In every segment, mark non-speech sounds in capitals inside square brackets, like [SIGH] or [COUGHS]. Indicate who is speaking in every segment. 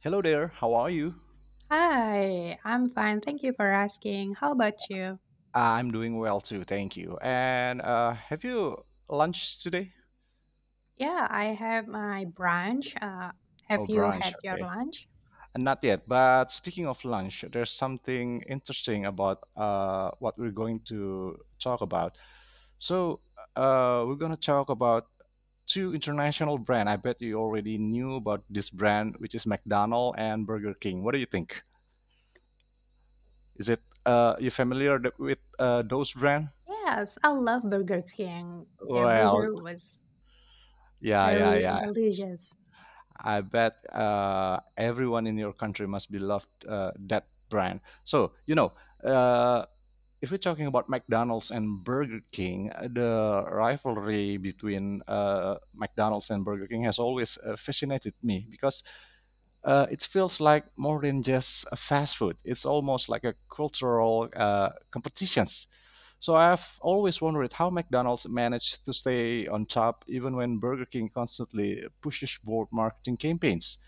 Speaker 1: Hello there, how are you?
Speaker 2: Hi, I'm fine. Thank you for asking. How about you?
Speaker 1: I'm doing well too, thank you. And have you lunch today?
Speaker 2: Yeah, I have my brunch.
Speaker 1: Oh,
Speaker 2: Have you had
Speaker 1: brunch,
Speaker 2: your
Speaker 1: okay.
Speaker 2: lunch?
Speaker 1: Not yet, but speaking of lunch, there's something interesting about what we're going to talk about. So we're going to talk about two international brand. I bet you already knew about this brand, which is McDonald's and Burger King. What do you think? Is it you familiar with those brand?
Speaker 2: Yes, I love Burger King. Their
Speaker 1: Well,
Speaker 2: burger was
Speaker 1: yeah, yeah,
Speaker 2: very
Speaker 1: yeah.
Speaker 2: delicious.
Speaker 1: I bet everyone in your country must be loved that brand. So uh, if we're talking about McDonald's and Burger King, the rivalry between McDonald's and Burger King has always fascinated me because it feels like more than just a fast food. It's almost like a cultural competitions. So I've always wondered how McDonald's managed to stay on top even when Burger King constantly pushes bold marketing campaigns.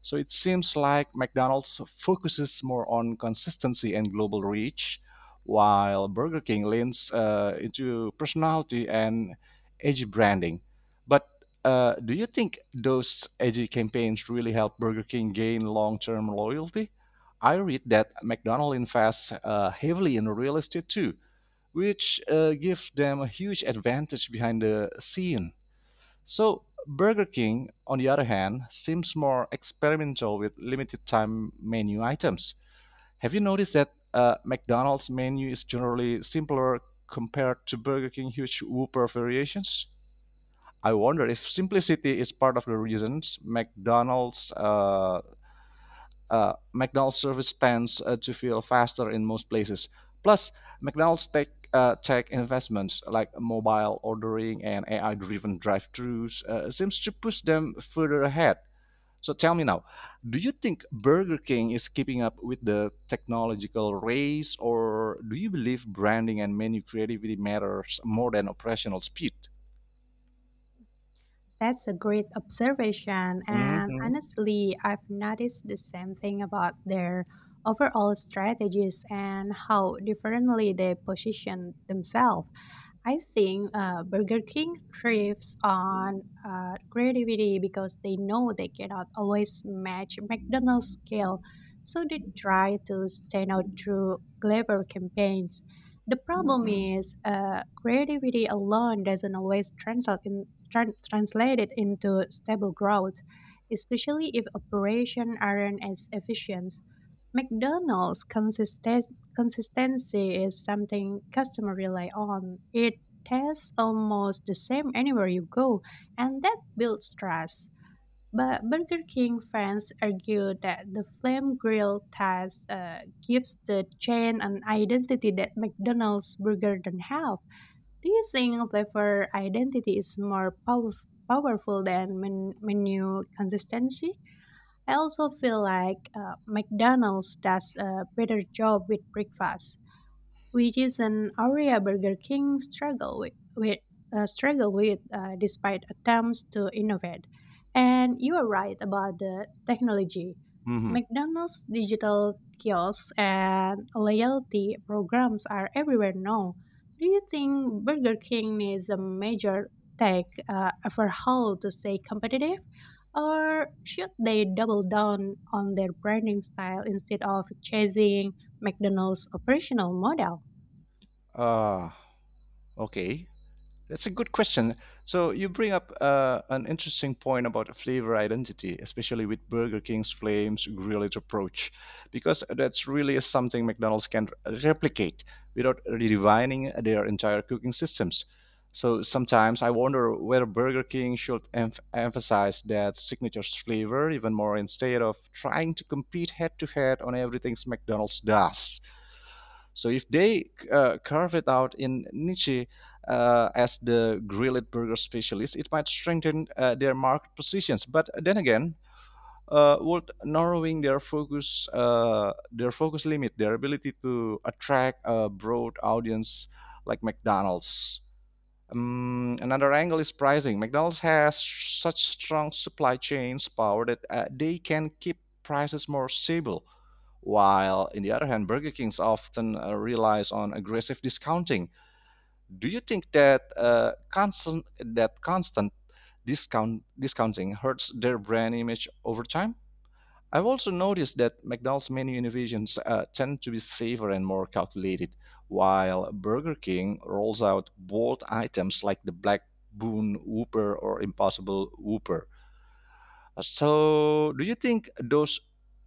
Speaker 1: So it seems like McDonald's focuses more on consistency and global reach, while Burger King leans into personality and edgy branding. But do you think those edgy campaigns really help Burger King gain long term loyalty? I read that McDonald's invests heavily in real estate too, which gives them a huge advantage behind the scene. So Burger King, on the other hand, seems more experimental with limited time menu items. Have you noticed that McDonald's menu is generally simpler compared to Burger King huge Whopper variations? I wonder if simplicity is part of the reasons McDonald's service tends to feel faster in most places. Plus, McDonald's tech investments like mobile ordering and AI-driven drive thrus seems to push them further ahead. So tell me now, do you think Burger King is keeping up with the technological race, or do you believe branding and menu creativity matters more than operational speed?
Speaker 2: That's a great observation. And
Speaker 1: Mm-hmm.
Speaker 2: honestly, I've noticed the same thing about their overall strategies and how differently they position themselves. I think Burger King thrives on creativity because they know they cannot always match McDonald's scale, so they try to stand out through clever campaigns. The problem is creativity alone doesn't always translate it into stable growth, especially if operations aren't as efficient. McDonald's consistent Consistency is something customers rely on. It tastes almost the same anywhere you go, and that builds trust. But Burger King fans argue that the flame grill test gives the chain an identity that McDonald's burger don't have. Do you think flavor identity is more powerful than menu consistency? I also feel like McDonald's does a better job with breakfast, which is an area Burger King struggle with despite attempts to innovate. And you are right about the technology.
Speaker 1: Mm-hmm.
Speaker 2: McDonald's digital kiosks and loyalty programs are everywhere now. Do you think Burger King needs a major tech overhaul to stay competitive? Or should they double down on their branding style instead of chasing McDonald's operational model?
Speaker 1: Uh, okay. That's a good question. So you bring up an interesting point about flavor identity, especially with Burger King's Flames grilled approach, because that's really something McDonald's can replicate without redefining their entire cooking systems. So sometimes I wonder whether Burger King should emphasize that signature flavor even more instead of trying to compete head to head on everything McDonald's does. So if they carve it out in niche as the grilled burger specialist, it might strengthen their market positions. But then again, would narrowing their focus limit their ability to attract a broad audience like McDonald's? Another angle is pricing. McDonald's has such strong supply chains power that they can keep prices more stable, while in the other hand, Burger King's often relies on aggressive discounting. Do you think that constant that constant discounting hurts their brand image over time? I've also noticed that McDonald's menu innovations tend to be safer and more calculated, while Burger King rolls out bold items like the Black Boon Whooper or Impossible Whooper. So, do you think those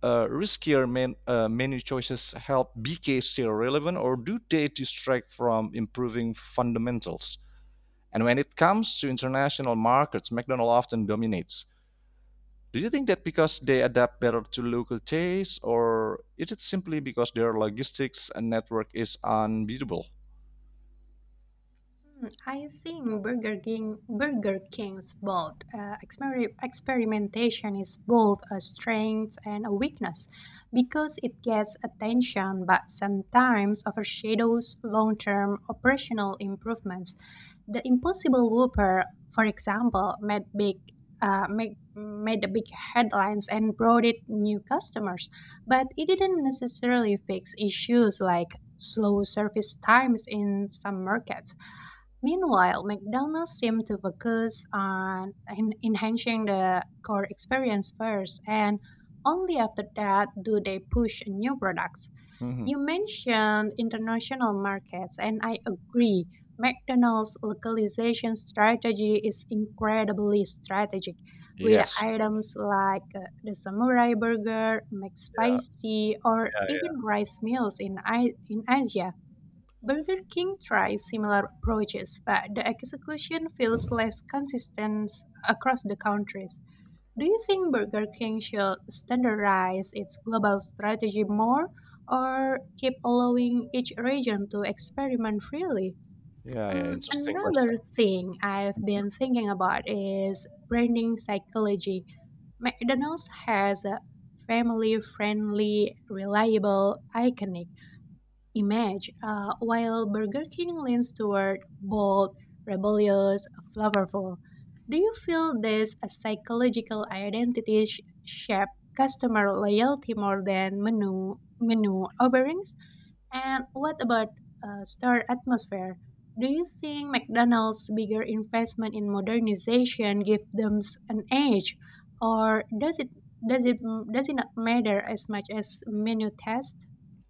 Speaker 1: uh, riskier menu choices help BK stay relevant, or do they distract from improving fundamentals? And when it comes to international markets, McDonald's often dominates. Do you think that because they adapt better to local tastes, or is it simply because their logistics and network is unbeatable?
Speaker 2: Hmm, I think Burger King's bold experimentation is both a strength and a weakness because it gets attention but sometimes overshadows long term operational improvements. The Impossible Whopper, for example, made big. Make, made the big headlines and brought it new customers, but it didn't necessarily fix issues like slow service times in some markets. Meanwhile, McDonald's seem to focus on enhancing the core experience first, and only after that do they push new products.
Speaker 1: Mhm.
Speaker 2: You mentioned international markets, and I agree. McDonald's localization strategy is incredibly strategic, with
Speaker 1: Yes.
Speaker 2: items like the samurai burger,
Speaker 1: Yeah,
Speaker 2: McSpicy, or
Speaker 1: yeah,
Speaker 2: even rice meals in in Asia. Burger King tries similar approaches, but the execution feels less consistent across the countries. Do you think Burger King should standardize its global strategy more or keep allowing each region to experiment freely?
Speaker 1: yeah, yeah, yeah.
Speaker 2: Mm,
Speaker 1: Interesting question.
Speaker 2: another thing I've been thinking about is branding psychology. McDonald's has a family friendly, reliable, iconic image, while Burger King leans toward bold, rebellious, flavorful. Do you feel this a psychological identity shape customer loyalty more than menu offerings? And what about store atmosphere? Do you think McDonald's bigger investment in modernization give them an edge, or does it does it not matter as much as menu test?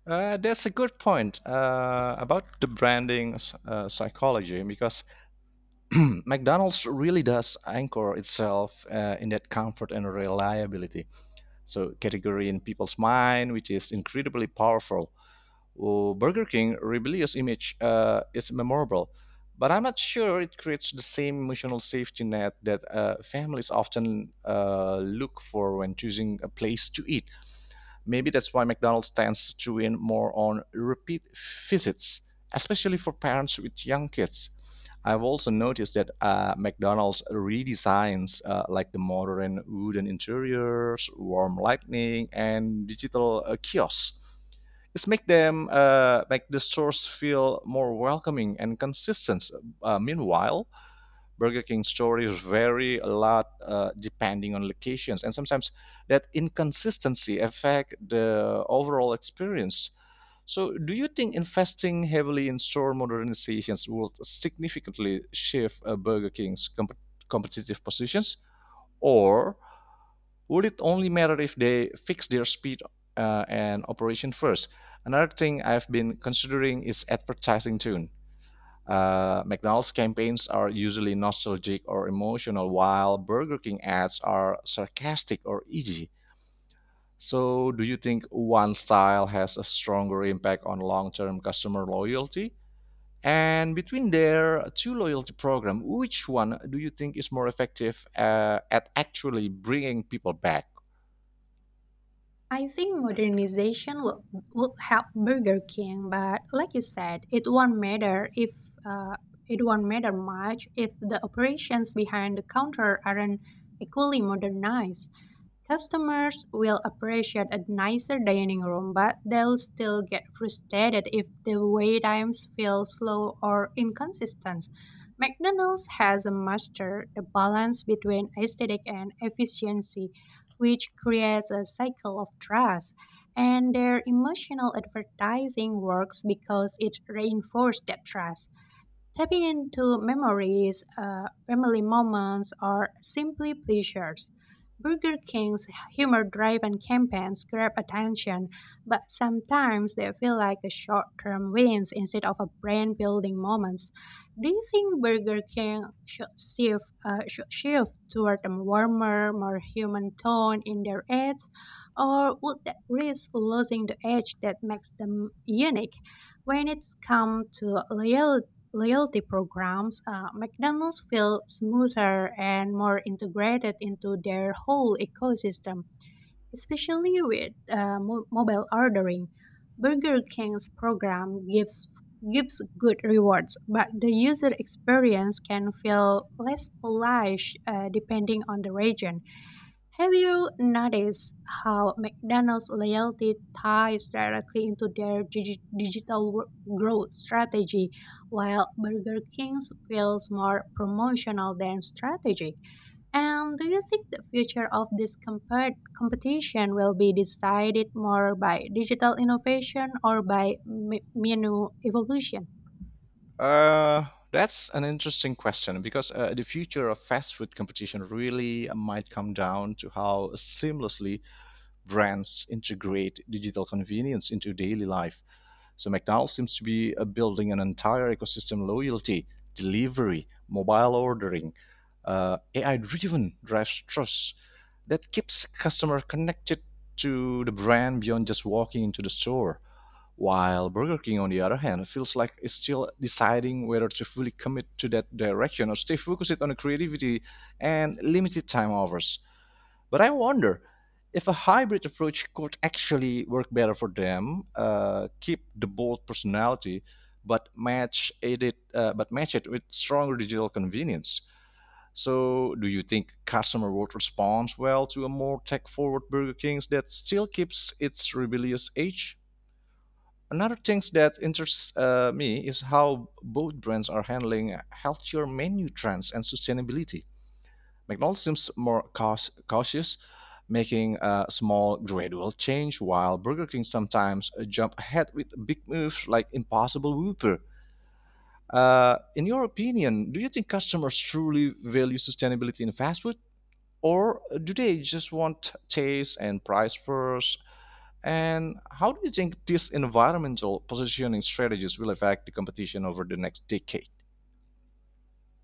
Speaker 1: That's a good point about the branding psychology because [CLEARS THROAT] McDonald's really does anchor itself in that comfort and reliability. So, category in people's mind, which is incredibly powerful. Oh, Burger King rebellious image is memorable, but I'm not sure it creates the same emotional safety net that families often look for when choosing a place to eat. Maybe that's why McDonald's tends to win more on repeat visits, especially for parents with young kids. I've also noticed that McDonald's redesigns like the modern wooden interiors, warm lighting, and digital kiosks it's make them make the stores feel more welcoming and consistent. Meanwhile, Burger King stories vary a lot depending on locations, and sometimes that inconsistency affect the overall experience. So, do you think investing heavily in store modernizations will significantly shift Burger King's competitive positions, or would it only matter if they fix their speed and operation first? Another thing I've been considering is advertising tune. McDonald's campaigns are usually nostalgic or emotional, while Burger King ads are sarcastic or edgy. So, do you think one style has a stronger impact on long term customer loyalty? And between their two loyalty programs, which one do you think is more effective at actually bringing people back?
Speaker 2: I think would help Burger King, but like you said, it won't matter if uh, it won't matter much if the operations behind the counter aren't equally modernized. Customers will appreciate a nicer dining room, but they'll still get frustrated if the wait times feel slow or inconsistent. McDonald's has mastered the balance between aesthetic and efficiency, which creates a cycle of trust. And their emotional advertising works because it reinforces that trust. Tapping into memories, family moments, or simply pleasures. Burger King's humor driven campaigns grab attention, but sometimes they feel like a short term wins instead of a brand building moments. Do you think Burger King should shift toward a warmer, more human tone in their ads? Or would that risk losing the edge that makes them unique? When it's come to loyalty programs, McDonald's feel smoother and more integrated into their whole ecosystem, especially with mobile ordering. Burger King's program gives gives good rewards, but the user experience can feel less polished depending on the region. Have you noticed how McDonald's loyalty ties directly into their growth strategy, while Burger King's feels more promotional than strategic? And do you think the future of this competition will be decided more by digital innovation or by menu evolution?
Speaker 1: Uh, that's an interesting question because the future of fast food competition really might come down to how seamlessly brands integrate digital convenience into daily life. So McDonald's seems to be building an entire ecosystem: loyalty, delivery, mobile ordering, AI-driven drives trust that keeps customer connected to the brand beyond just walking into the store while Burger King, on the other hand, feels like it's still deciding whether to fully commit to that direction or stay focused on the creativity and limited time offers. But I wonder if a hybrid approach could actually work better for them, keep the bold personality, but match it with stronger digital convenience. So, do you think customer would respond well to a more tech-forward Burger King that still keeps its rebellious edge? Another thing that interests me is how both brands are handling healthier menu trends and sustainability. McDonald's seems more cautious, making a small gradual change, while Burger King sometimes jump ahead with big moves like Impossible Whopper. In your opinion, do you think customers truly value sustainability in fast food, or do they just want taste and price first? And how do you think these environmental positioning strategies will affect the competition over the next decade?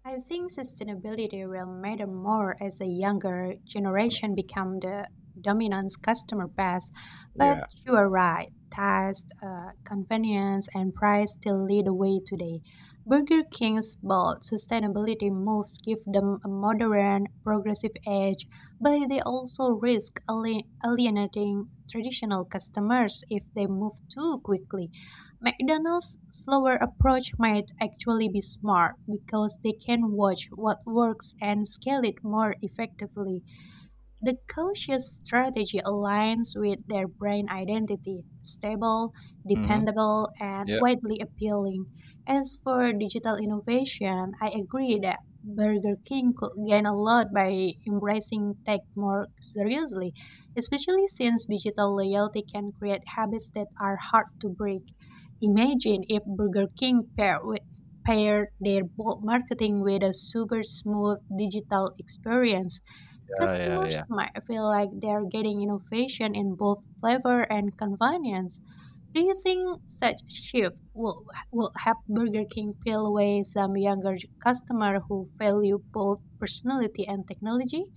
Speaker 2: I think sustainability will matter more as a younger generation become the dominant customer base. But
Speaker 1: Yeah.
Speaker 2: you are right. Taste, convenience, and price still lead the way today. Burger King's bold sustainability moves give them a modern, progressive edge, but they also risk alienating traditional customers if they move too quickly. McDonald's slower approach might actually be smart because they can watch what works and scale it more effectively. The cautious strategy aligns with their brand identity stable,
Speaker 1: Hmm.
Speaker 2: dependable, and
Speaker 1: Yeah.
Speaker 2: widely appealing. As for digital innovation, I agree that Burger King could gain a lot by embracing tech more seriously, especially since digital loyalty can create habits that are hard to break. Imagine if Burger King paired with paired their bold marketing with a super smooth digital experience.
Speaker 1: Yeah. Yeah. Yeah.
Speaker 2: Customers might feel like they're getting innovation in both flavor and convenience. Do you think will help Burger King peel away some younger customer who value both personality and technology?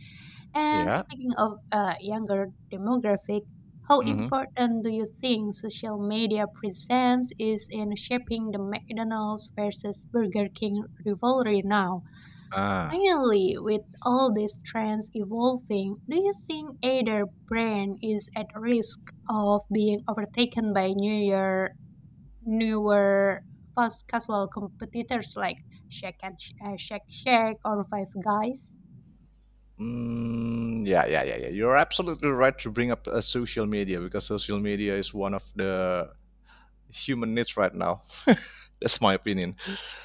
Speaker 2: And
Speaker 1: Yeah.
Speaker 2: speaking of younger demographic, how
Speaker 1: Hmm.
Speaker 2: important do you think social media presence is in shaping the McDonald's versus Burger King rivalry now?
Speaker 1: Ah.
Speaker 2: Finally, with all these trends evolving, do you think either brand is at risk of being overtaken by newer fast casual competitors like Shake Shack or Five Guys?
Speaker 1: Mm, yeah. Yeah. Yeah. Yeah. You're absolutely right to bring up social media because social media is one of the human needs right now. [LAUGHS] That's my opinion.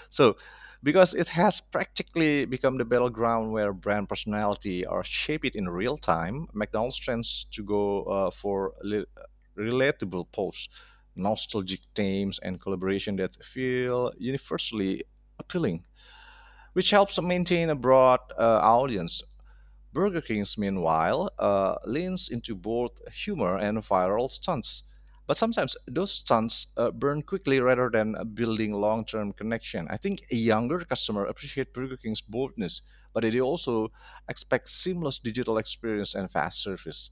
Speaker 1: So, because it has practically become the battleground where brand personality are shaped in real time, McDonald's tends to go for relatable posts, nostalgic themes, and collaboration that feel universally appealing, which helps maintain a broad audience. Burger King's, meanwhile, leans into both humor and viral stunts. But sometimes those stunts burn quickly rather than building long term connection. I think a younger customer appreciate Burger King's boldness, but they also expect seamless digital experience and fast service,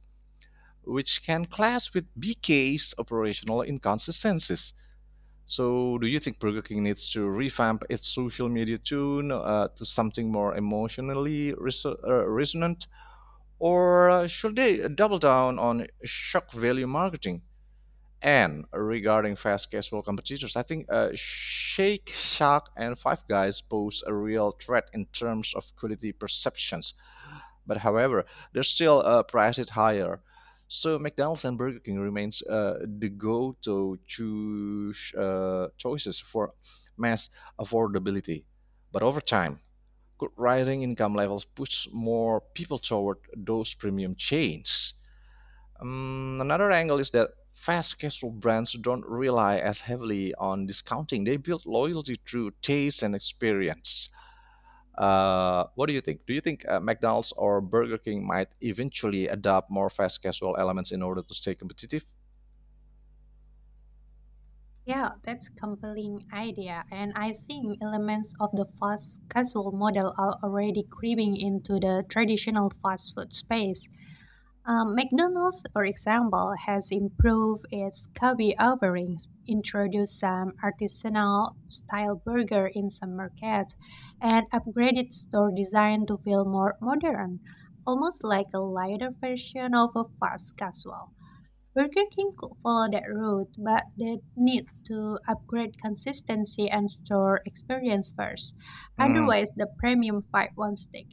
Speaker 1: which can clash with BK's operational inconsistencies. So, do you think Burger King needs to revamp its social media tune to something more emotionally resonant? Or should they double down on shock value marketing? And regarding fast casual competitors, I think Shake Shack and Five Guys pose a real threat in terms of quality perceptions. But however, they're still priced higher. So McDonald's and Burger King remains the go-to choices for mass affordability. But over time, rising income levels push more people toward those premium chains. Another angle is that fast casual brands don't rely as heavily on discounting. They build loyalty through taste and experience. What do you think? Do you think McDonald's or Burger King might eventually adopt more fast casual elements in order to stay competitive?
Speaker 2: Yeah, that's compelling idea, and I think elements of the fast casual model are already creeping into the traditional fast food space. McDonald's, for example, has improved its coffee offerings, introduced some artisanal style burger in some markets, and upgraded store design to feel more modern, almost like a lighter version of a fast casual. Burger King could follow that route, but they need to upgrade consistency and store experience first.
Speaker 1: Mm,
Speaker 2: Otherwise, the premium fight won't stick.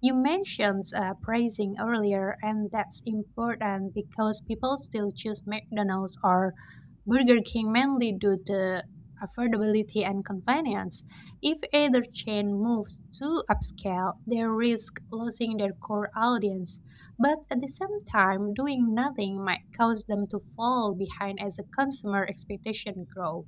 Speaker 2: You mentioned pricing earlier, and that's important because people still choose McDonald's or Burger King mainly due to affordability and convenience. If either chain moves too upscale, they risk losing their core audience. But at the same time, doing nothing might cause them to fall behind as the consumer expectation grow.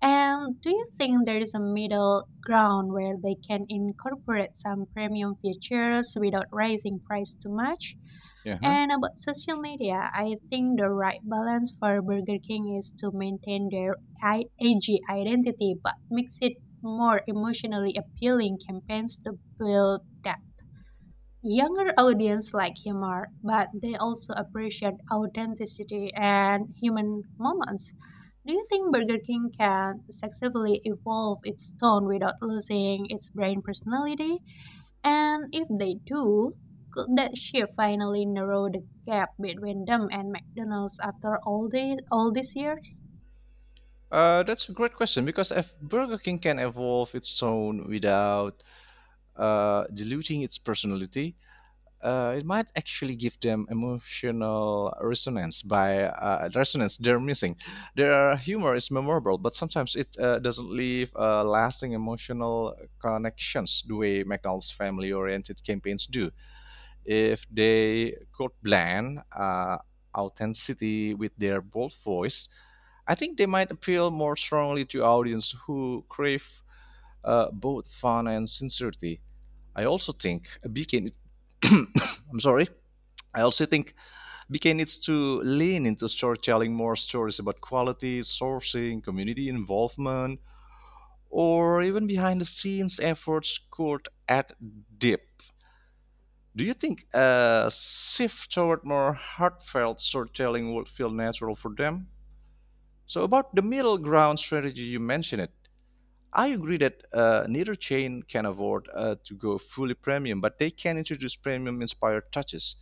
Speaker 2: And do you think there is a middle ground where they can incorporate some premium features without raising price too much?
Speaker 1: yeah. Huh?
Speaker 2: And about social media, I think the right balance for Burger King is to maintain their AG identity but mix it more emotionally appealing campaigns to build that. Younger audience like humor, but they also appreciate authenticity and human moments. Do you think Burger King can successfully evolve its tone without losing its brand personality? And if they do, could that shift finally narrow the gap between them and McDonald's after all these years?
Speaker 1: That's a great question because if Burger King can evolve its tone without diluting its personality, it might actually give them emotional resonance by resonance they're missing. Their humor is memorable, but sometimes it doesn't leave lasting emotional connections the way McDonald's family-oriented campaigns do. If they could blend authenticity with their bold voice, I think they might appeal more strongly to audience who crave both fun and sincerity. I also think a beacon. [COUGHS] I'm sorry. I also think BK needs to lean into storytelling more stories about quality, sourcing, community involvement, or even behind the scenes efforts could add depth. Do you think a shift toward more heartfelt storytelling would feel natural for them? So, about the middle ground strategy, you mentioned it. I agree that neither chain can afford to go fully premium, but they can introduce premium inspired touches.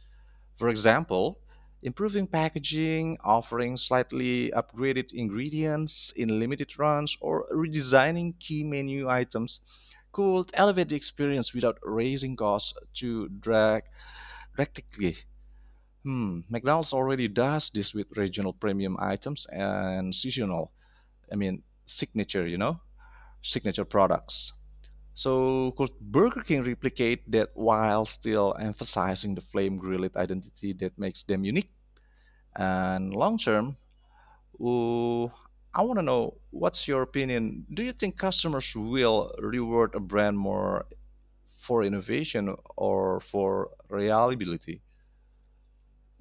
Speaker 1: For example, improving packaging, offering slightly upgraded ingredients in limited runs, or redesigning key menu items could elevate the experience without raising costs too drastically. Hmm, McDonald's already does this with regional premium items and seasonal, I mean, signature, you know, signature products. So could Burger King replicate that while still emphasizing the flame grilled identity that makes them unique? And long term, ooh, I want to know, what's your opinion? Do you think customers will reward a brand more for innovation or for reliability?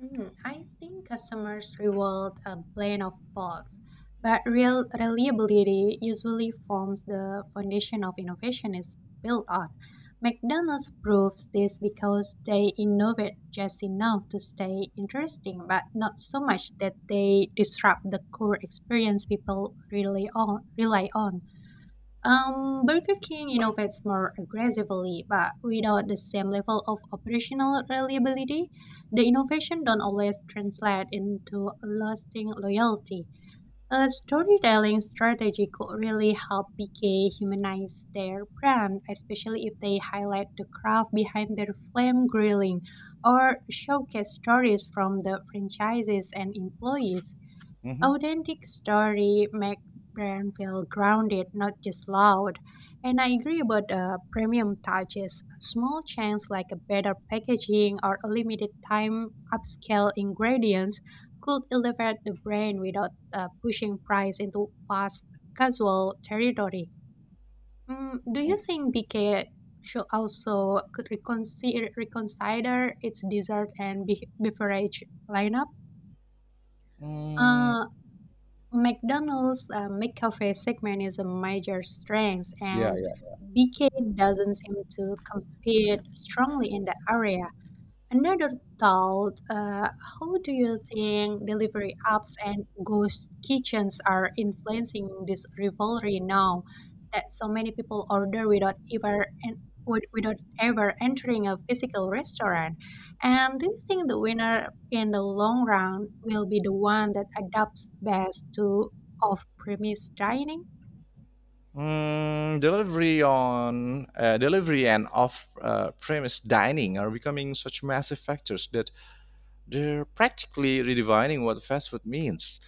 Speaker 2: Mm, I think customers reward a blend of both, but real reliability usually forms the foundation of innovation is built on. McDonald's proves this because they innovate just enough to stay interesting, but not so much that they disrupt the core experience people rely on. Burger King innovates more aggressively, but without the same level of operational reliability, the innovation don't always translate into lasting loyalty. A storytelling strategy could really help BK humanize their brand, especially if they highlight the craft behind their flame grilling or showcase stories from the franchises and employees. Authentic story make brand feel grounded, not just loud. And I agree about the premium touches. Small changes like a better packaging or a limited time upscale ingredients could elevate the brand without pushing price into fast casual territory. Mm, do you think BK should also reconsider its dessert and beverage lineup?
Speaker 1: hmm
Speaker 2: Uh, McDonald's McCafe segment is a major strength,
Speaker 1: Yeah,
Speaker 2: and
Speaker 1: yeah.
Speaker 2: BK doesn't seem to compete strongly in that area. Another thought. How do you think delivery apps and ghost kitchens are influencing this rivalry now that so many people order without ever entering a physical restaurant? And do you think the winner in the long run will be the one that adapts best to off-premise dining?
Speaker 1: Delivery and off-premise dining are becoming such massive factors that they're practically redefining what fast food means.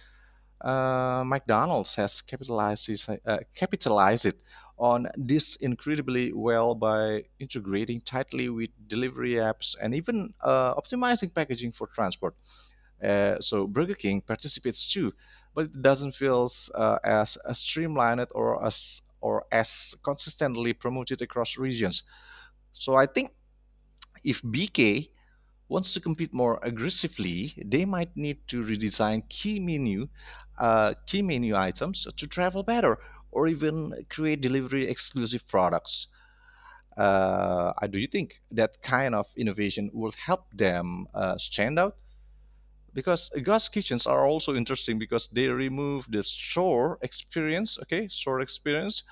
Speaker 1: McDonald's has capitalized it on this incredibly well by integrating tightly with delivery apps and even optimizing packaging for transport. So Burger King participates too, but it doesn't feel as streamlined or as consistently promoted across regions. So I think if BK wants to compete more aggressively, they might need to redesign key menu items to travel better, or even create delivery exclusive products. Do you think that kind of innovation will help them stand out? Because ghost kitchens are also interesting because they remove the store experience,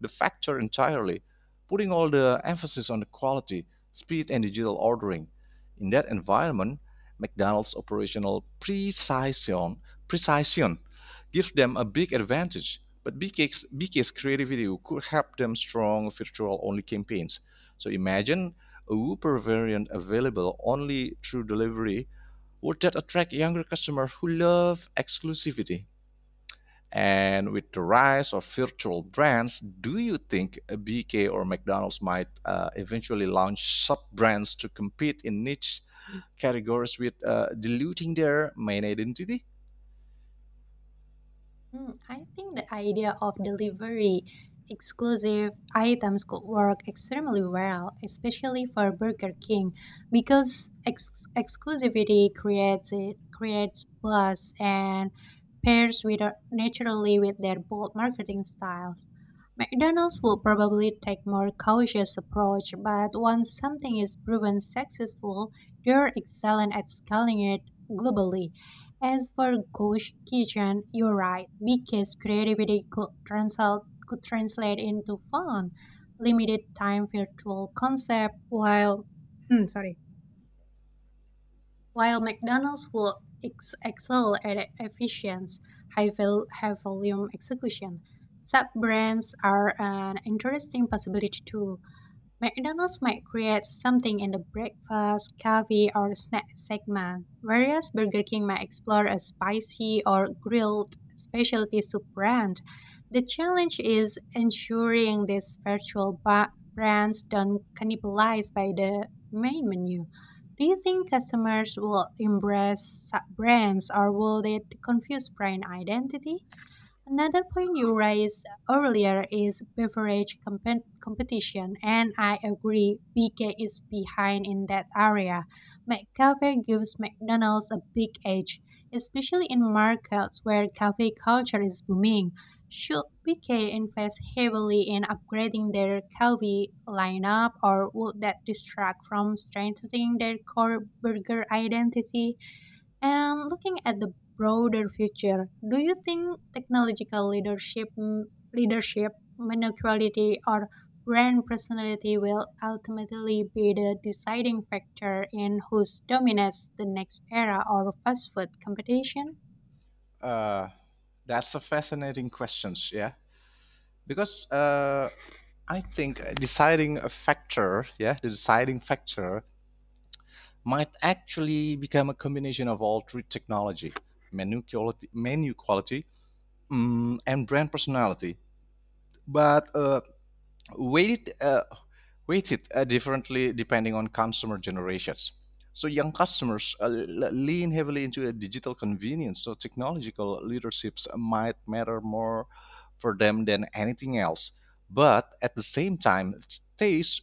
Speaker 1: the factor entirely, putting all the emphasis on the quality, speed, and digital ordering. In that environment, McDonald's operational precision gives them a big advantage. But BK's creativity could help them strong virtual-only campaigns. So imagine a Whopper variant available only through delivery, would that attract younger customers who love exclusivity? And with the rise of virtual brands, do you think a BK or McDonald's might eventually launch sub brands to compete in niche categories with diluting their main identity?
Speaker 2: Mm, I think the idea of delivery exclusive items could work extremely well, especially for Burger King, because exclusivity creates buzz and pairs with naturally with their bold marketing styles. McDonald's will probably take more cautious approach, but once something is proven successful, they're excellent at scaling it globally. As for ghost kitchen, you're right, because could translate into fun, limited time virtual concept, while [CLEARS THROAT] sorry, while McDonald's will excel at efficiency, high volume execution. Sub brands are an interesting possibility too. McDonald's might create something in the breakfast, coffee, or snack segment, whereas Burger King might explore a spicy or grilled specialty soup brand. The challenge is ensuring these virtual brands don't cannibalize by the main menu. Do you think customers will embrace sub brands or will they confuse brand identity? Another point you raised earlier is beverage competition, and I agree BK is behind in that area. McCafe gives McDonald's a big edge, especially in markets where cafe culture is booming. Should BK invest heavily in upgrading their coffee lineup, or would that distract from strengthening their core burger identity? And looking at the broader future, do you think leadership, menu quality, or brand personality will ultimately be the deciding factor in who dominates the next era of fast food competition?
Speaker 1: Uh, that's a fascinating question. Yeah, because I think deciding a factor, yeah, the deciding factor might actually become a combination of all three: technology, menu quality, and brand personality. But weight it, uh, weights it differently depending on consumer generations. So young customers lean heavily into a digital convenience. So technological leaderships might matter more for them than anything else. But at the same time, taste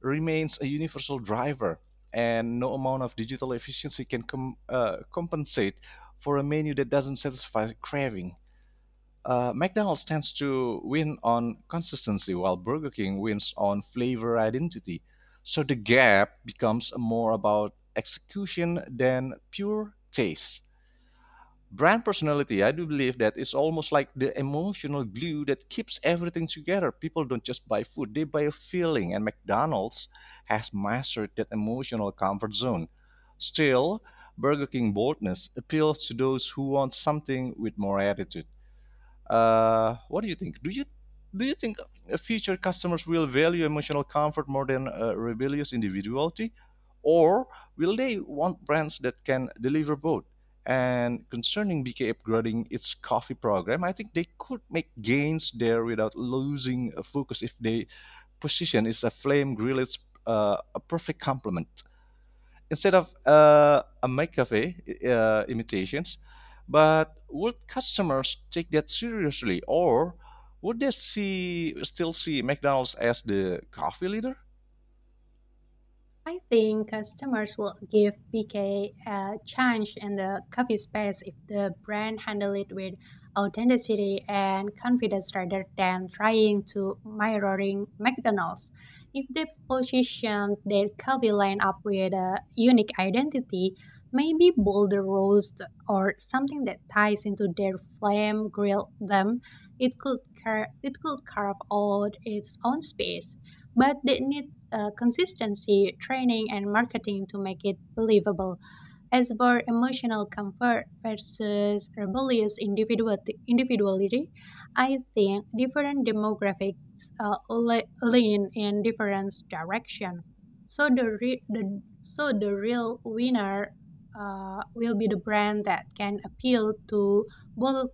Speaker 1: remains a universal driver, and no amount of digital efficiency can compensate for a menu that doesn't satisfy craving. McDonald's tends to win on consistency, while Burger King wins on flavor identity. So the gap becomes more about execution than pure taste. Brand personality, I do believe that it's almost like the emotional glue that keeps everything together. People don't just buy food, they buy a feeling, and McDonald's has mastered that emotional comfort zone. Still, Burger King boldness appeals to those who want something with more attitude. What do you think? Do you think future customers will value emotional comfort more than rebellious individuality, or will they want brands that can deliver both? And concerning BK upgrading its coffee program, I think they could make gains there without losing focus if they position is a flame grilled a perfect complement instead of a McAfee imitations. But would customers take that seriously, or would they see still see McDonald's as the coffee leader?
Speaker 2: I think customers will give BK a chance in the coffee space if the brand handle it with authenticity and confidence rather than trying to mirroring McDonald's. If they position their coffee line up with a unique identity, maybe bolder roast or something that ties into their flame grill them, it could carve out its own space, but they need consistency, training, and marketing to make it believable. As for emotional comfort versus individuality, I think different demographics lean in different direction. So the real winner will be the brand that can appeal both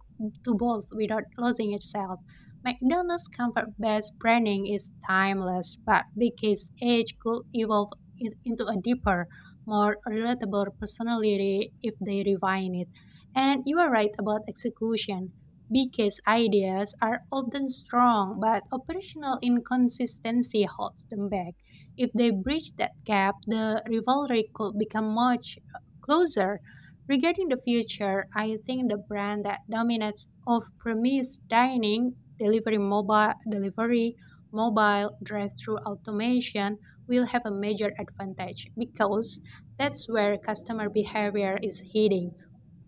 Speaker 2: to both without losing itself. McDonald's comfort-based branding is timeless, but because each could evolve into a deeper, more relatable personality if they refine it. And you are right about execution. Because ideas are often strong, but operational inconsistency holds them back. If they bridge that gap, the rivalry could become much closer. Regarding the future, I think the brand that dominates off premise dining delivery mobile drive-through automation will have a major advantage because that's where customer behavior is heading,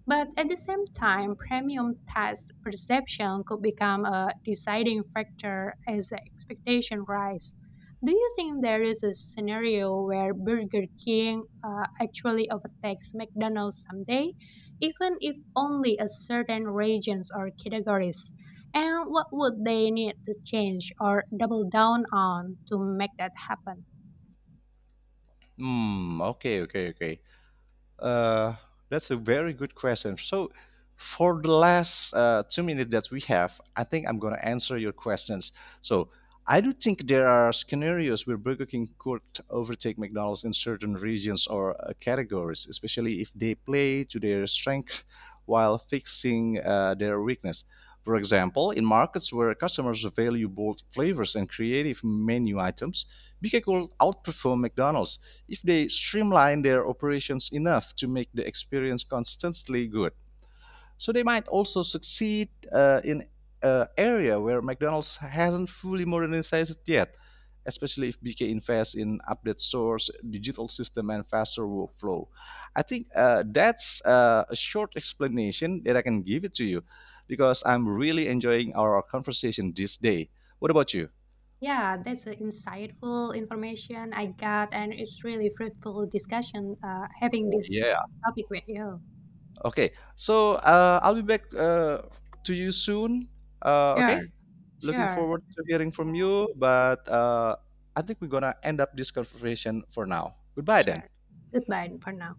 Speaker 2: but at the same time, premium taste perception could become a deciding factor as the expectation rise. Do you think there is a scenario where Burger King actually overtakes McDonald's someday, even if only a certain regions or categories? And what would they need to change or double down on to make that happen?
Speaker 1: Hmm. Okay. Okay. Okay. Uh, that's a very good question. So, for the last 2 minutes that we have, I think I'm going to answer your questions. So, I do think there are scenarios where Burger King could overtake McDonald's in certain regions or categories, especially if they play to their strength while fixing their weakness. For example, in markets where customers value bold flavors and creative menu items, BK could outperform McDonald's if they streamline their operations enough to make the experience consistently good. So they might also succeed in an area where McDonald's hasn't fully modernized yet, especially if BK invests in updated stores, digital system, and faster workflow. I think that's a short explanation that I can give it to you because I'm really enjoying our conversation this day. What about you?
Speaker 2: Yeah, that's a insightful information I got, and it's really fruitful discussion having
Speaker 1: Oh,
Speaker 2: this
Speaker 1: yeah.
Speaker 2: topic with you.
Speaker 1: Okay, so I'll be back to you soon.
Speaker 2: Sure,
Speaker 1: Okay, looking
Speaker 2: sure.
Speaker 1: forward to hearing from
Speaker 2: Yeah,
Speaker 1: you. But I think we're gonna end up this conversation for now. Goodbye
Speaker 2: sure.
Speaker 1: then.
Speaker 2: Goodbye for now.